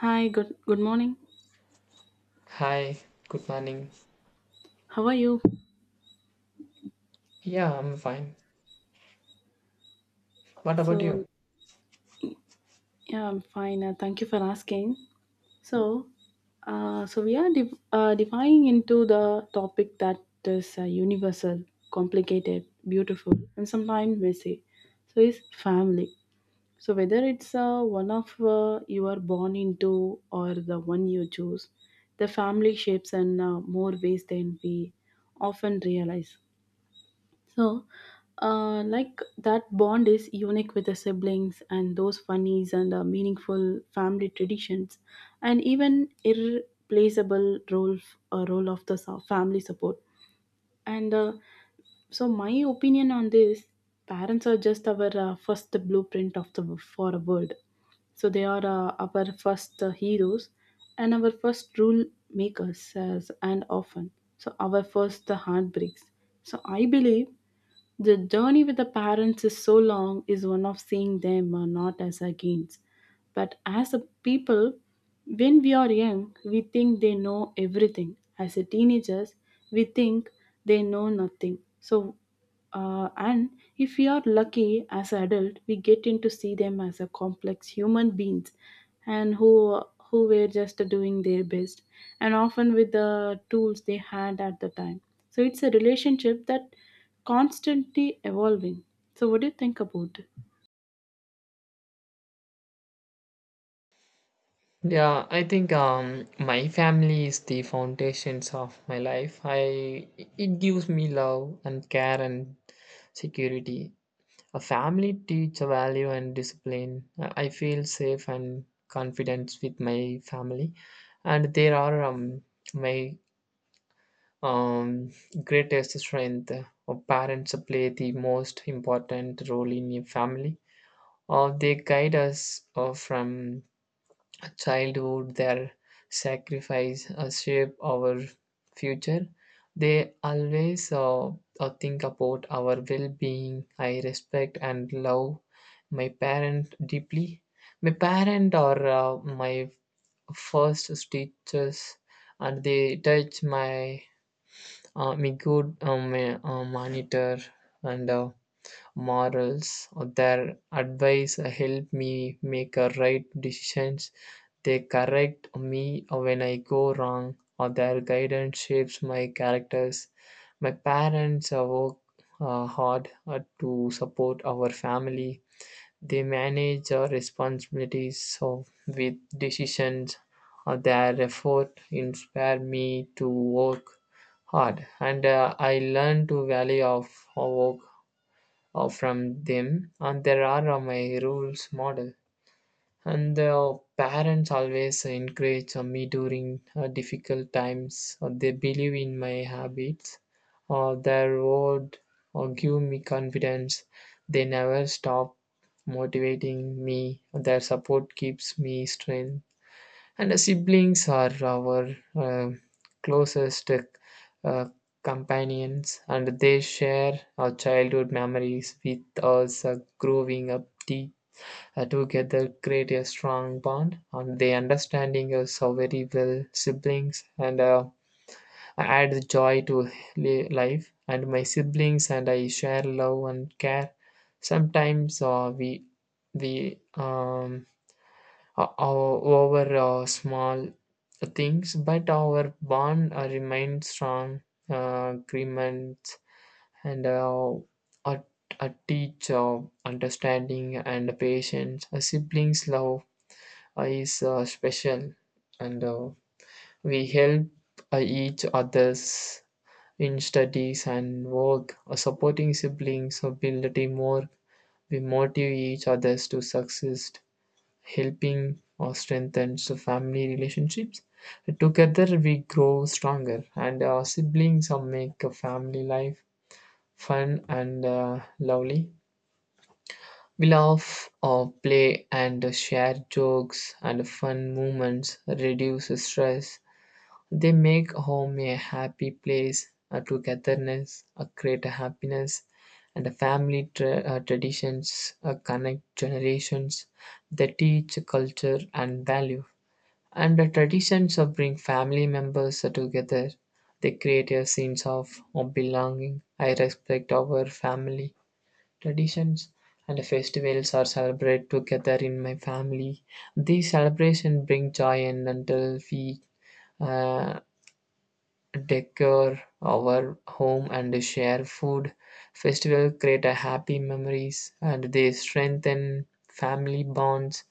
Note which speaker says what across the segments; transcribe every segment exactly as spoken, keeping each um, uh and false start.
Speaker 1: Hi, good good morning.
Speaker 2: Hi, good morning.
Speaker 1: How are you?
Speaker 2: Yeah, I'm fine. What about
Speaker 1: So,
Speaker 2: you?
Speaker 1: yeah, I'm fine. Uh, thank you for asking. So, uh, so we are div uh, diving into the topic that is uh, universal, complicated, beautiful, and sometimes messy. So, is family. So, whether it's uh, one of uh, you are born into or the one you choose, the family shapes in uh, more ways than we often realize. So, uh, like that bond is unique with the siblings and those funnies and uh, meaningful family traditions, and even irreplaceable role uh, role of the so- family support. And uh, so, my opinion on this: parents are just our uh, first blueprint of the for a world. So they are uh, our first uh, heroes and our first rule makers, as and often. So our first uh, heartbreaks. So I believe the journey with the parents is so long, is one of seeing them uh, not as against, but as a people. When we are young, we think they know everything. As a teenagers, we think they know nothing. So, uh, and if we are lucky as adult, we get in to see them as a complex human beings, and who who were just doing their best, and often with the tools they had at the time. So it's a relationship that constantly evolving. So, what do you think about it?
Speaker 2: Yeah, I think um my family is the foundations of my life. I it gives me love and care and security. A family teach a value and discipline. I I feel safe and confident with my family, and they are um my um greatest strength. Uh, Parents play the most important role in a family. Or they guide us uh, from childhood their sacrifice uh, shape our future they always uh, uh, think about our well-being I respect and love my parent deeply my parent are uh, my first teachers and they touch my uh, my good um, uh, monitor and uh, morals. Their advice help me make a right decisions. They correct me when I go wrong. Or their guidance shapes my characters. My parents uh, work uh, hard uh, to support our family. They manage our responsibilities so with decisions. Uh, their effort inspire me to work hard and uh, I learn to value of of work uh, from them, and there are uh, my rules model. And the parents always encourage uh, me during uh, difficult times. Uh, they believe in my habits. Uh, their word uh, give me confidence. They never stop motivating me. Their support keeps me strength and the siblings are our uh, closest uh, companions, and they share our childhood memories with us uh, growing up deep. uh, together create a strong bond and they understanding us so very well siblings and uh, add joy to li- life and my siblings and I share love and care sometimes uh, we we um, uh, o- over uh, small things, but our bond uh, remains strong. Uh, agreements and uh, a, a teacher, understanding and patience, a sibling's love uh, is uh, special, and uh, we help uh, each others in studies and work. Uh, supporting siblings uh, build a teamwork. We motivate each others to success helping or strengthens the family relationships. Together we grow stronger, and our siblings uh, make a family life fun and uh, lovely. We laugh or play and share jokes and fun moments, reduce stress. They make home a happy place, a togetherness, a greater happiness, and the family tra- uh, traditions uh, connect generations. They teach culture and value. And the traditions of bring family members together, they create a sense of, of belonging. I respect our family traditions and the festivals are celebrated together in my family. These celebrations bring joy and until we uh, decor our home and share food. Festival create a happy memories and they strengthen family bonds.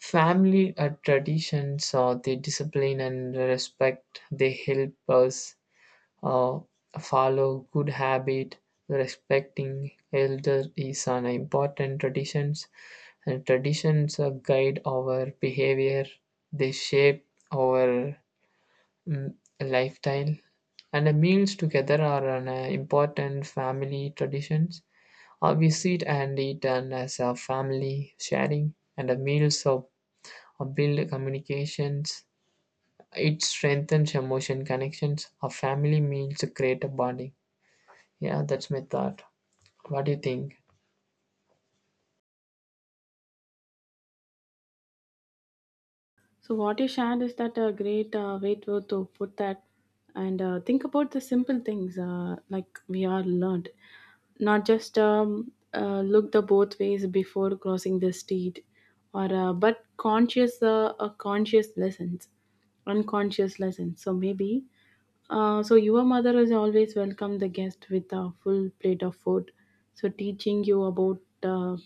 Speaker 2: Family uh, traditions or the discipline and respect they help us uh, follow good habit. Respecting elder is an important traditions and traditions uh, guide our behavior. They shape our mm, lifestyle and the meals together are an uh, important family traditions. Uh, we sit and eat and as a family sharing and the meals are or build communications. It strengthens emotion connections. A family means create a bonding. Yeah, that's my thought. What do you think?
Speaker 1: So, what you shared is that a great uh, way to, to put that and uh, think about the simple things uh, like we are learned, not just um, uh, look the both ways before crossing the street, or uh, but conscious uh, uh, conscious lessons, unconscious lessons. So maybe. Uh, so your mother has always welcomed the guest with a full plate of food. So teaching you about uh,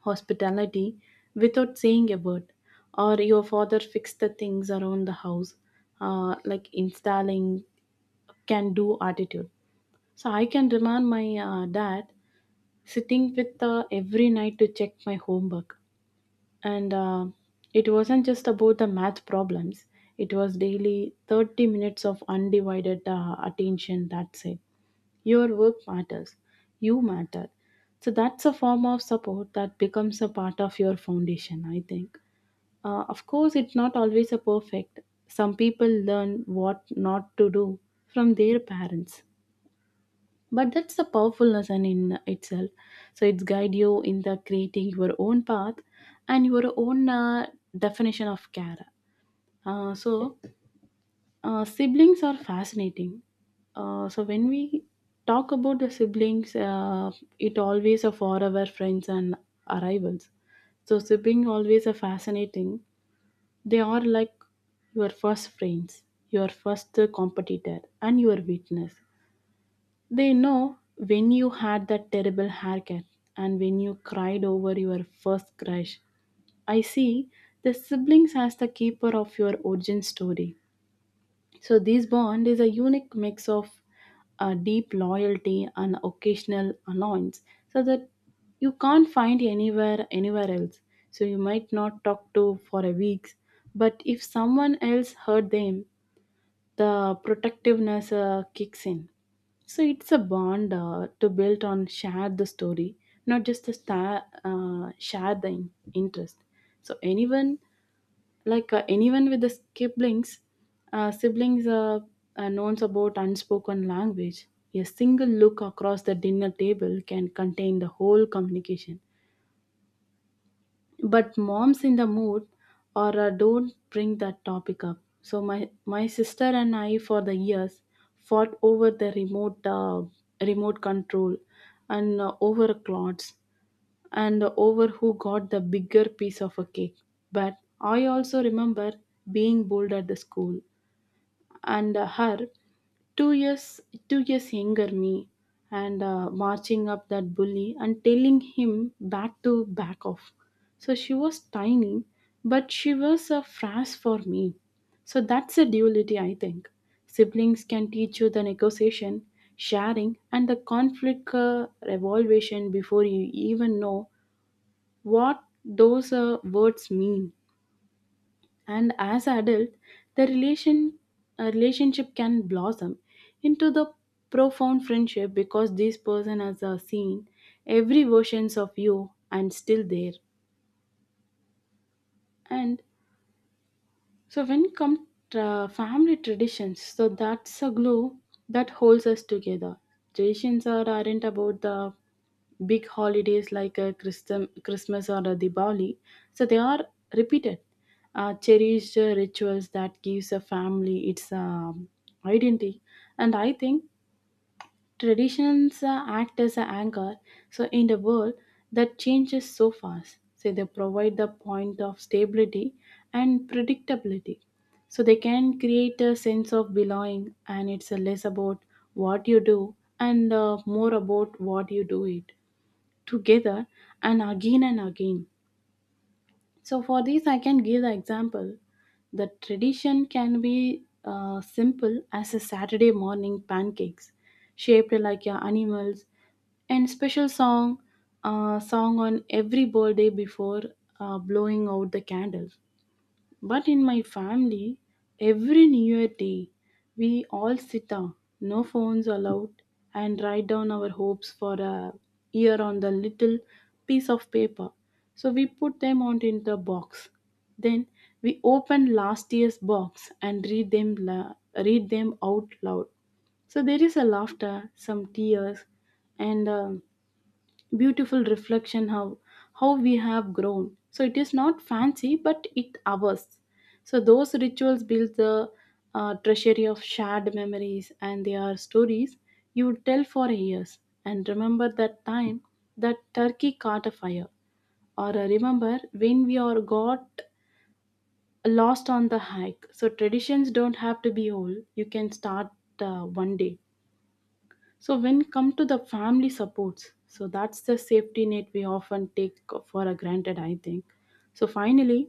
Speaker 1: hospitality without saying a word or your father fixed the things around the house uh, like installing can do attitude, so I can remind my uh, dad sitting with uh, every night to check my homework and uh, it wasn't just about the math problems. It was daily thirty minutes of undivided uh, attention. That's it. Your work matters. You matter. So that's a form of support that becomes a part of your foundation, I think. Uh, of course, it's not always a perfect. Some people learn what not to do from their parents. But that's the powerfulness and in itself. So it's guide you in the creating your own path and your own uh, definition of care. Uh, so uh, siblings are fascinating. Uh, so when we talk about the siblings, uh, it always are forever friends and arrivals. So siblings always are fascinating. They are like your first friends, your first competitor, and your witness. They know when you had that terrible haircut and when you cried over your first crush. I see the siblings as the keeper of your origin story. So this bond is a unique mix of uh, deep loyalty and occasional annoyance, so that you can't find anywhere anywhere else. So you might not talk to for a weeks, but if someone else hurt them, the protectiveness uh, kicks in. So it's a bond uh, to build on share the story, not just the star, uh, share the in- interest. So anyone like uh, anyone with the siblings uh, siblings uh, uh, knows about unspoken language. A single look across the dinner table can contain the whole communication, but moms in the mood or uh, don't bring that topic up. So my my sister and I for the years fought over the remote uh, remote control and uh, over clothes and over who got the bigger piece of a cake. But I also remember being bold at the school and uh, her two years two years younger me and uh, marching up that bully and telling him back to back off. So she was tiny, but she was a frass for me. So that's a duality, I think. Siblings can teach you the negotiation, sharing, and the conflict uh, evaluation before you even know what those uh, words mean. And as adult the relation uh, relationship can blossom into the profound friendship because this person has uh, seen every versions of you and still there. And so when come tra- family traditions, so that's a glue that holds us together. Traditions are aren't about the big holidays like uh, Christum, Christmas or uh, Diwali. So they are repeated, uh, cherished uh, rituals that gives a family its um identity. And I think traditions uh, act as an anchor. So in the world that changes so fast, so they provide the point of stability and predictability. So they can create a sense of belonging, and it's uh, less about what you do and uh, more about what you do it together and again and again. So, for this, I can give the example. The tradition can be uh, simple as a Saturday morning pancakes shaped like your animals and special song uh, song on every birthday before uh, blowing out the candle. But in my family, every New Year day, we all sit down, no phones allowed, and write down our hopes for a year on the little piece of paper. So we put them on in the box. Then we open last year's box and read them la- read them out loud. So there is a laughter, some tears, and um beautiful reflection how how we have grown. So it is not fancy, but it ours. So those rituals build the uh, treasury of shared memories and they are stories you would tell for years, and remember that time that turkey caught a fire or uh, remember when we are got lost on the hike. So traditions don't have to be old, you can start uh, one day. So when come to the family supports, so that's the safety net we often take for a granted, I think. So finally,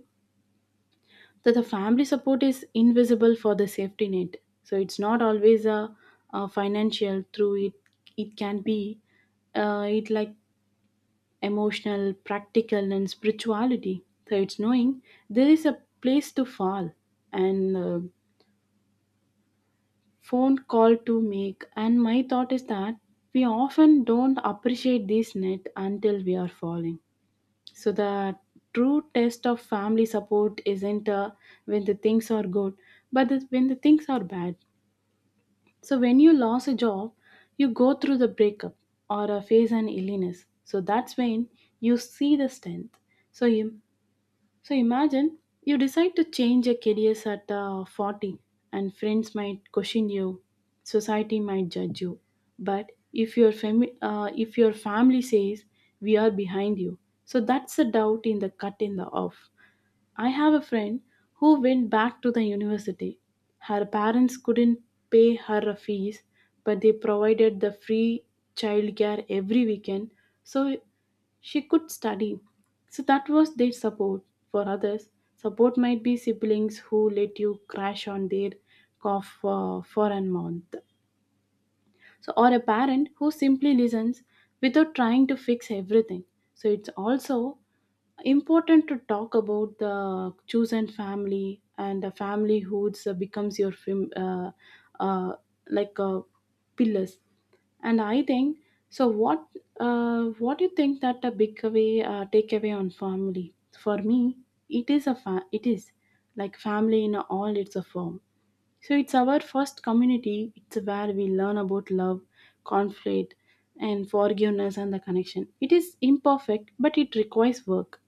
Speaker 1: that the family support is invisible for the safety net. So it's not always a, a financial through it. It can be uh, it like emotional, practical, and spirituality. So it's knowing there is a place to fall and uh, phone call to make. And my thought is that we often don't appreciate this net until we are falling. So the true test of family support isn't uh, when the things are good, but it's when the things are bad. So when you lose a job, you go through the breakup or uh, face an illness. So that's when you see the strength. So you so imagine you decide to change your careers at uh, forty, and friends might question you, society might judge you. But if your fami- uh, if your family says we are behind you, so that's a doubt in the cut in the off. I have a friend who went back to the university. Her parents couldn't pay her a fees, but they provided the free childcare every weekend so she could study. So that was their support. For others, support might be siblings who let you crash on their cough for, for a month, so or a parent who simply listens without trying to fix everything. So it's also important to talk about the chosen family and the family who becomes your fam- uh, uh, like uh, pillars. And I think so what uh, what do you think? That a big away uh, takeaway on family for me, it is a fa- it is like family in all its a form. So it's our first community. It's where we learn about love, conflict, and forgiveness and the connection. It is imperfect, but it requires work.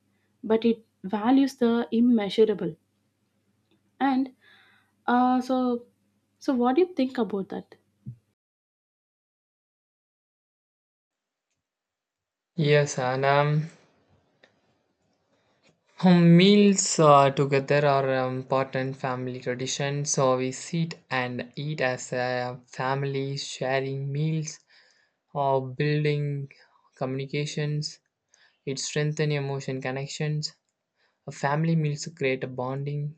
Speaker 1: But it values the immeasurable. And uh, so, so what do you think about that?
Speaker 2: Yes, and um, home meals uh, together are um, important family tradition. So we sit and eat as a family, sharing meals or building communications. It strengthens emotion connections. A family meals create a bonding.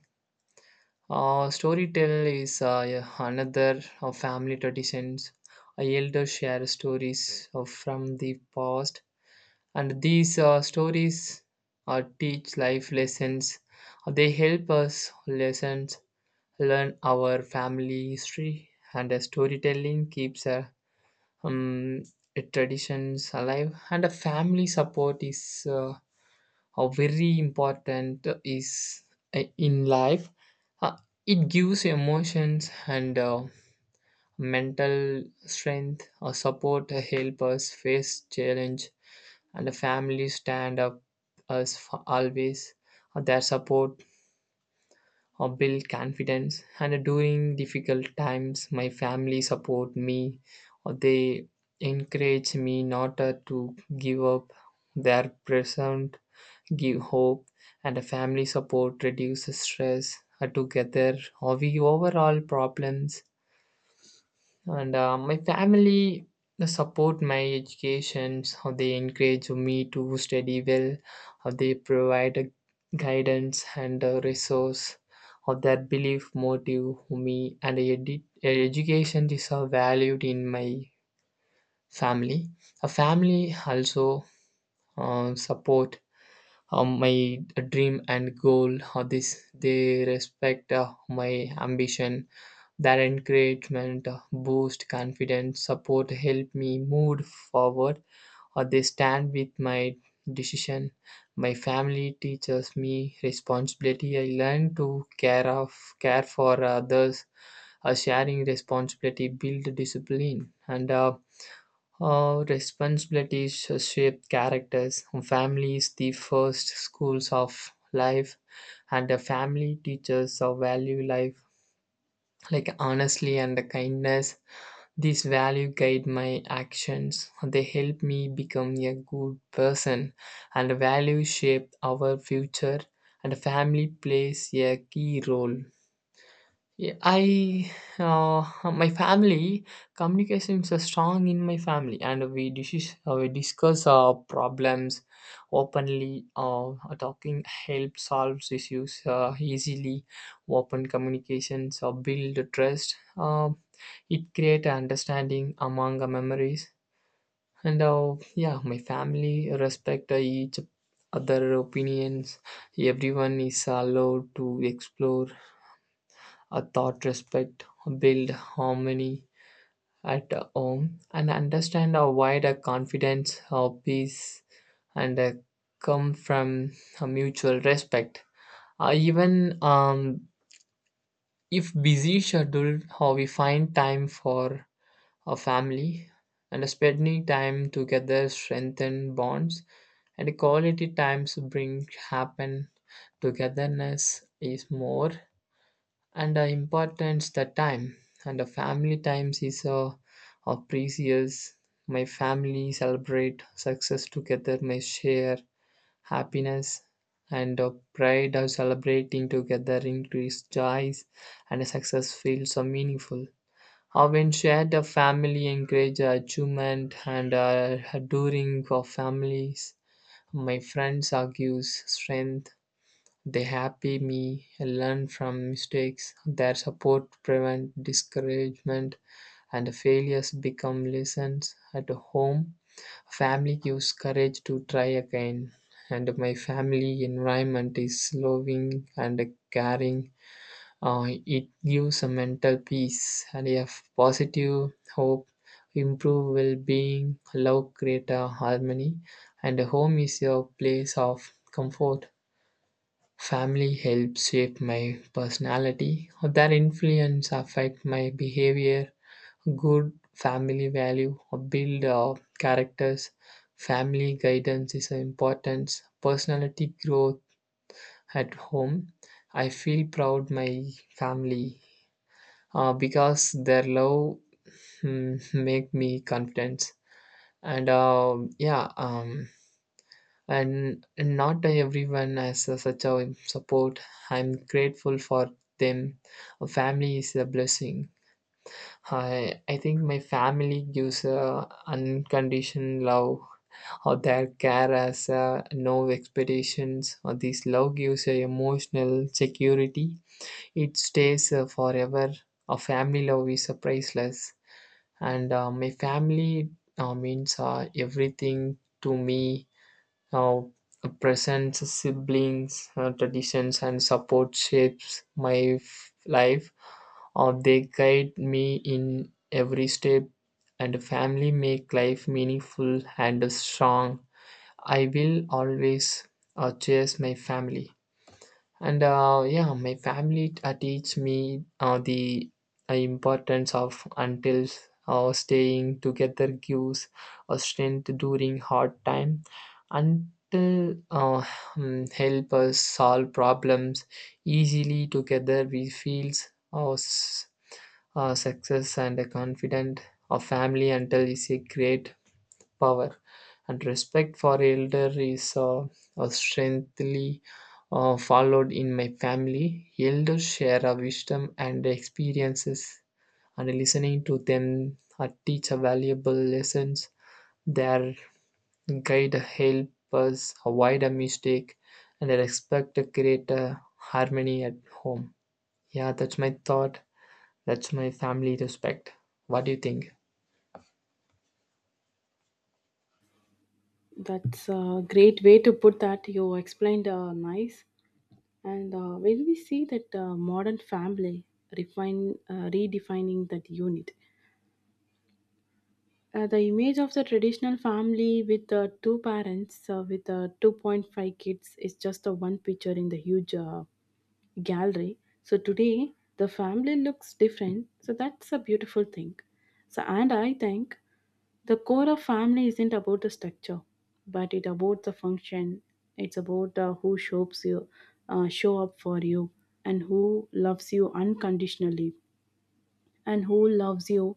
Speaker 2: Uh, storytell is uh, yeah, another of family traditions. Uh, elders share stories of, from the past, and these uh, stories uh, teach life lessons. Uh, they help us lessons learn our family history, and uh, storytelling keeps uh, um, traditions alive. And a family support is. Uh, how very important is uh, in life. Uh, it gives emotions and uh, mental strength or support uh, help us face challenge and the family stand up us for always. Uh, their support or build confidence and during difficult times my family support me or they encourage me not uh, to give up their present give hope, and a family support reduces stress. Uh, together, uh, we overall problems. And uh, my family they support my education. How they encourage me to study well. How they provide a guidance and a resource. How their belief motive me and edu- education is uh, valued in my family. A family also uh, support uh, my dream and goal uh, this they respect uh, my ambition their encouragement uh, boost confidence support help me move forward uh, they stand with my decision my family teaches me responsibility I learn to care of care for others uh, sharing responsibility build discipline and uh, uh, responsibilities shape characters. Family is the first schools of life, and the family teaches our value life, like honestly and the kindness. These value guide my actions. They help me become a good person, and value shape our future. And family plays a key role. Yeah, I uh, my family communication is uh, strong in my family, and we discuss uh, we discuss uh, problems openly. Uh, talking help solves issues uh, easily. Open communications uh, build trust. Uh, it create understanding among uh, memories, and uh, yeah, my family respect uh, each other opinions. Everyone is allowed to explore uh, thought respect, build harmony at uh, home, and understand uh, why the confidence, uh, peace, and uh, come from uh, mutual respect. Uh, even um, if busy schedule, how we find time for a family and spending time together strengthen bonds and quality times bring happen togetherness is more and the importance the time and the family times is uh, are precious my family celebrate success together my share happiness and uh, pride of celebrating together increase joys and success feels so meaningful uh, when shared the family encourage achievement and uh, during our families my friends argues strength they happy me learn from mistakes. Their support prevent discouragement and failures become lessons at home. Family gives courage to try again. And my family environment is loving and caring. Uh, it gives a mental peace and a positive hope, improve well-being, love create a harmony, and home is your place of comfort. Family helps shape my personality. Their influence affect my behavior. Good family value build uh, characters. Family guidance is important. Personality growth at home. I feel proud my family uh, because their love mm, make me confident. And uh, yeah, um, and not everyone has a- such a support. I'm grateful for them. A family is a blessing. I I think my family gives a unconditional love or their care as uh, no expectations. Or this love gives a emotional security. It stays uh, forever. A family love is uh, priceless, and uh, my family uh, means uh, everything to me now, presents, siblings, uh, traditions, and support shapes my f- life, or they guide me in every step. And family make life meaningful and strong. I will always uh, cherish my family and uh, yeah my family uh, teach me uh, the uh, importance of until uh, staying together gives a strength during hard time until uh, mm, help us solve problems easily together we feels our s- uh, success and a confident of family until is a great power. And respect for elder is uh, uh, strengthily uh, followed in my family. Elders share a wisdom and experiences, and listening to them uh, teach a valuable lessons. Their guide help us avoid a mistake and respect to create a harmony at home. Yeah, that's my thought. That's my family respect. What do you think?
Speaker 1: That's a great way to put that. You explained uh, nice. And uh, when we see that uh, modern family refine, uh, redefining that unit, uh, the image of the traditional family with uh, two parents uh, with uh, two point five kids is just the one picture in the huge uh, gallery. So today the family looks different. So that's a beautiful thing. So and I think the core of family isn't about the structure, but it about the function. It's about uh, who shows you, uh, show up for you, and who loves you unconditionally and who loves you.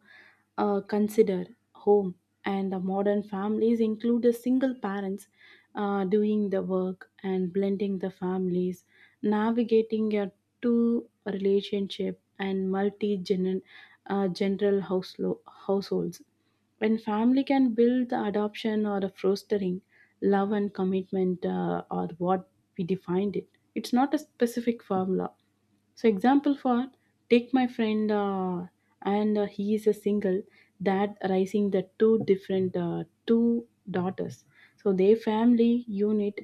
Speaker 1: Uh, consider home and the modern families include the single parents uh, doing the work and blending the families, navigating a two relationship and multi uh, general houselo- households. When family can build the adoption or a fostering, love and commitment uh, are what we defined it. It's not a specific formula. So example for take my friend uh, and uh, he is a single dad raising the two different uh, two daughters. So their family unit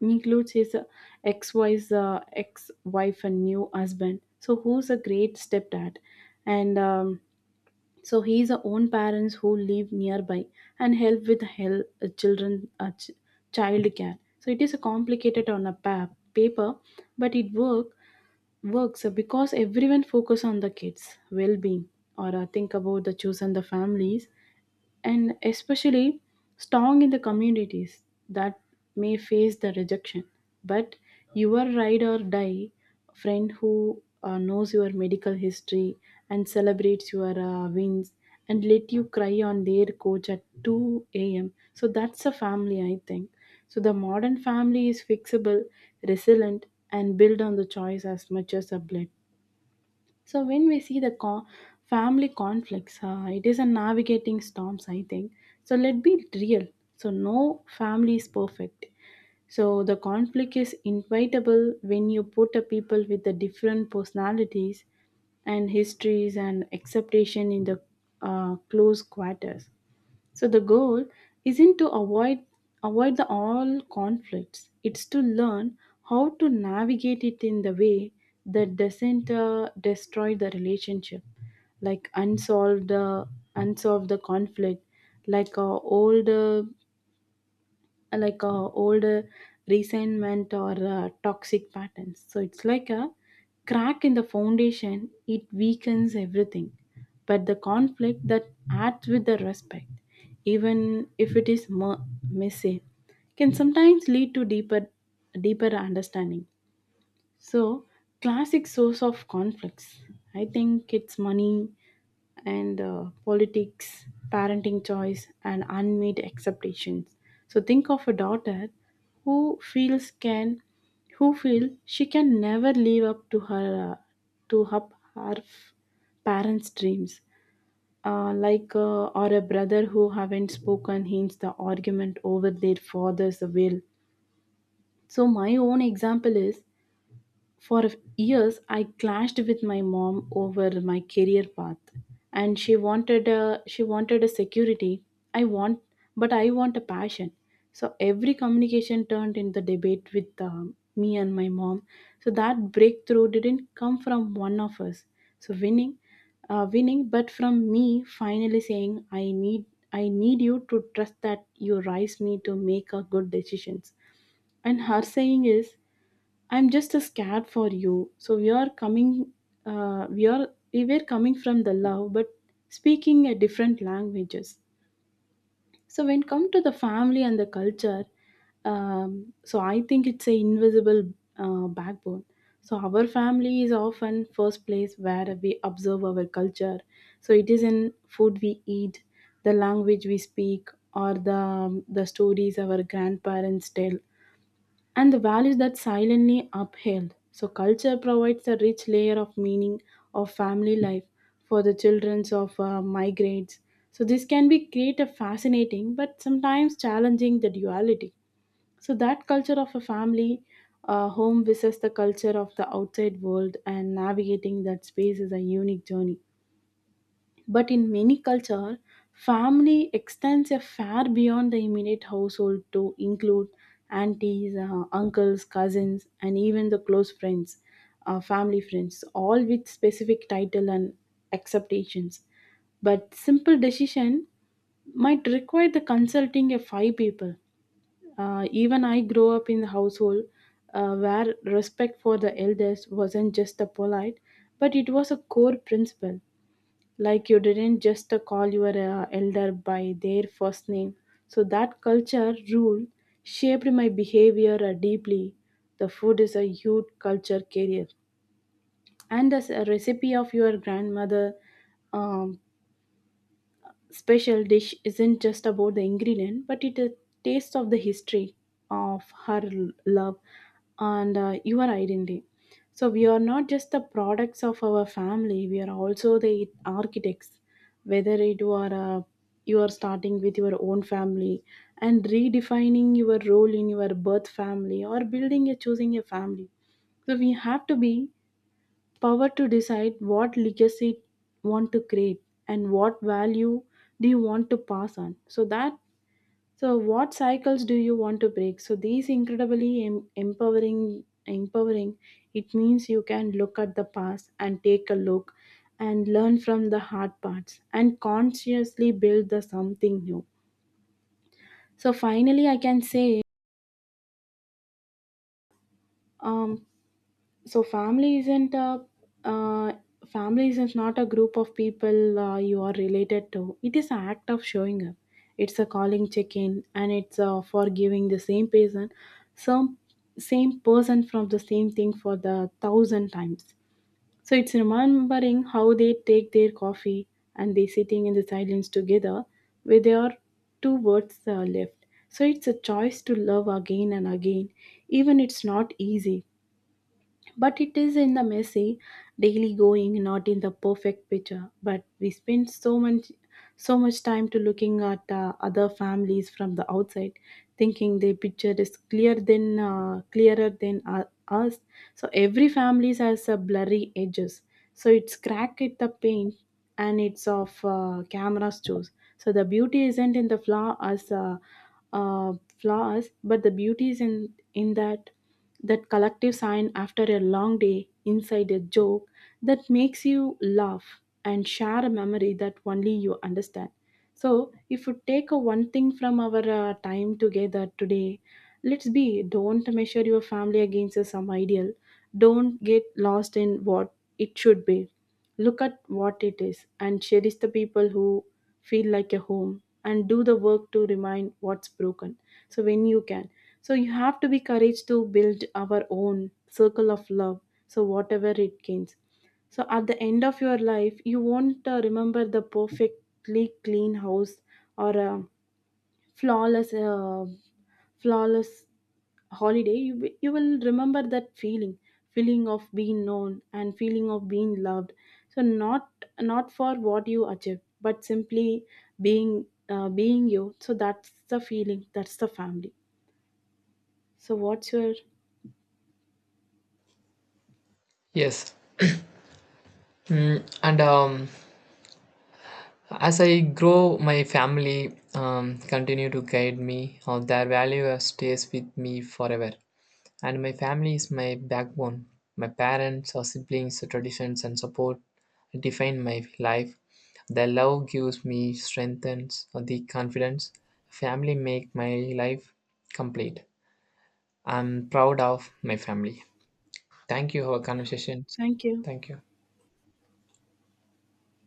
Speaker 1: includes his uh, ex-wife, uh, ex-wife and new husband. So who's a great stepdad, and um, so he's a own parents who live nearby and help with hel- uh, children uh, ch- child care. So it is a complicated on a pa- paper, but it works works uh, because everyone focus on the kids well-being or uh, think about the children the families and especially strong in the communities that may face the rejection, but your ride or die friend who uh, knows your medical history and celebrates your uh, wins and let you cry on their coach at two a m a.m, so that's a family, I think. So the modern family is fixable, resilient, and built on the choice as much as a blend. So when we see the co- family conflicts, uh, it is a navigating storms, I think. So let be real. So no family is perfect. So the conflict is inevitable when you put a people with the different personalities and histories and acceptation in the uh, close quarters. So the goal isn't to avoid avoid the all conflicts. It's to learn how to navigate it in the way that doesn't uh, destroy the relationship, like unsolved uh, unsolved the conflict, like uh, old uh, uh, like uh, old uh, resentment or uh, toxic patterns. So it's like a crack in the foundation, it weakens everything. But the conflict that acts with the respect, even if it is mo- messy, can sometimes lead to deeper, deeper understanding. So, classic source of conflicts. I think it's money and uh, politics, parenting choice, and unmet expectations. So, think of a daughter who feels can, who feel she can never live up to her, uh, to her, her f- parents' dreams. Uh, like uh, or a brother who haven't spoken hints the argument over their father's will. So my own example is for years, I clashed with my mom over my career path, and she wanted a she wanted a security. I want, but I want a passion. So every communication turned into debate with um, me and my mom. So that breakthrough didn't come from one of us. So winning, uh, winning, but from me finally saying, I need I need you to trust that you raised me to make a good decisions. And her saying is I'm just scared for you. So we are coming, uh, we are we were coming from the love, but speaking a different languages. So when come to the family and the culture, um, so I think it's a invisible uh, backbone. So our family is often first place where we observe our culture. So it is in food we eat, the language we speak, or the the stories our grandparents tell, and the values that silently upheld. So culture provides a rich layer of meaning of family life for the children of uh, migrants. So this can be create a fascinating but sometimes challenging the duality. So that culture of a family uh, home versus the culture of the outside world, and navigating that space is a unique journey. But in many cultures, family extends a far beyond the immediate household to include aunties, uh, uncles, cousins, and even the close friends, uh, family friends, all with specific title and acceptations. But simple decision might require the consulting of five people. Uh, even I grew up in the household uh, where respect for the elders wasn't just a polite, but it was a core principle, like you didn't just call your uh, elder by their first name. So that culture rule shaped my behavior uh, deeply. The food is a huge culture carrier, and as a recipe of your grandmother, um, special dish isn't just about the ingredient, but it is taste of the history of her l- love and uh, your identity. So we are not just the products of our family; we are also the architects. Whether it were uh, you are starting with your own family and redefining your role in your birth family, or building a choosing a family, so we have to be power to decide what legacy you want to create and what value do you want to pass on, so that, so what cycles do you want to break? So these incredibly em- empowering empowering it means you can look at the past and take a look and learn from the hard parts and consciously build the something new. So finally I can say, um, so family isn't a uh, family isn't not a group of people uh, you are related to, it is an act of showing up. It's a calling check-in, and it's uh, for giving the same person some same person from the same thing for the thousand times. So it's remembering how they take their coffee, and they sitting in the silence together where there are two words uh, left. So it's a choice to love again and again, even it's not easy. But it is in the messy daily going, not in the perfect picture. But we spend so much so much time to looking at uh, other families from the outside, thinking their picture is clear than uh, clearer than uh, us. So every family has a blurry edges. So it's crack at the paint, and it's of uh, cameras choose. So the beauty isn't in the flaw as uh, uh, flaws, but the beauty is in in that. That collective sign after a long day inside a joke that makes you laugh and share a memory that only you understand. So, if we take a one thing from our uh, time together today, let's be don't measure your family against some ideal. Don't get lost in what it should be. Look at what it is and cherish the people who feel like a home, and do the work to remind what's broken. So, when you can. So, you have to be courage to build our own circle of love. So, whatever it gains. So at the end of your life, you won't uh, remember the perfectly clean house or a flawless, uh, flawless holiday. You wi- you will remember that feeling, feeling of being known and feeling of being loved. So not not for what you achieve, but simply being uh, being you. So that's the feeling. That's the family. So what's your
Speaker 2: Yes. Mm, and um, As I grow, my family um, continue to guide me. Uh, their value stays with me forever. And my family is my backbone. My parents, our siblings, traditions, and support define my life. Their love gives me strength and the confidence. Family make my life complete. I'm proud of my family. Thank you for our conversations.
Speaker 1: thank you.
Speaker 2: Thank you.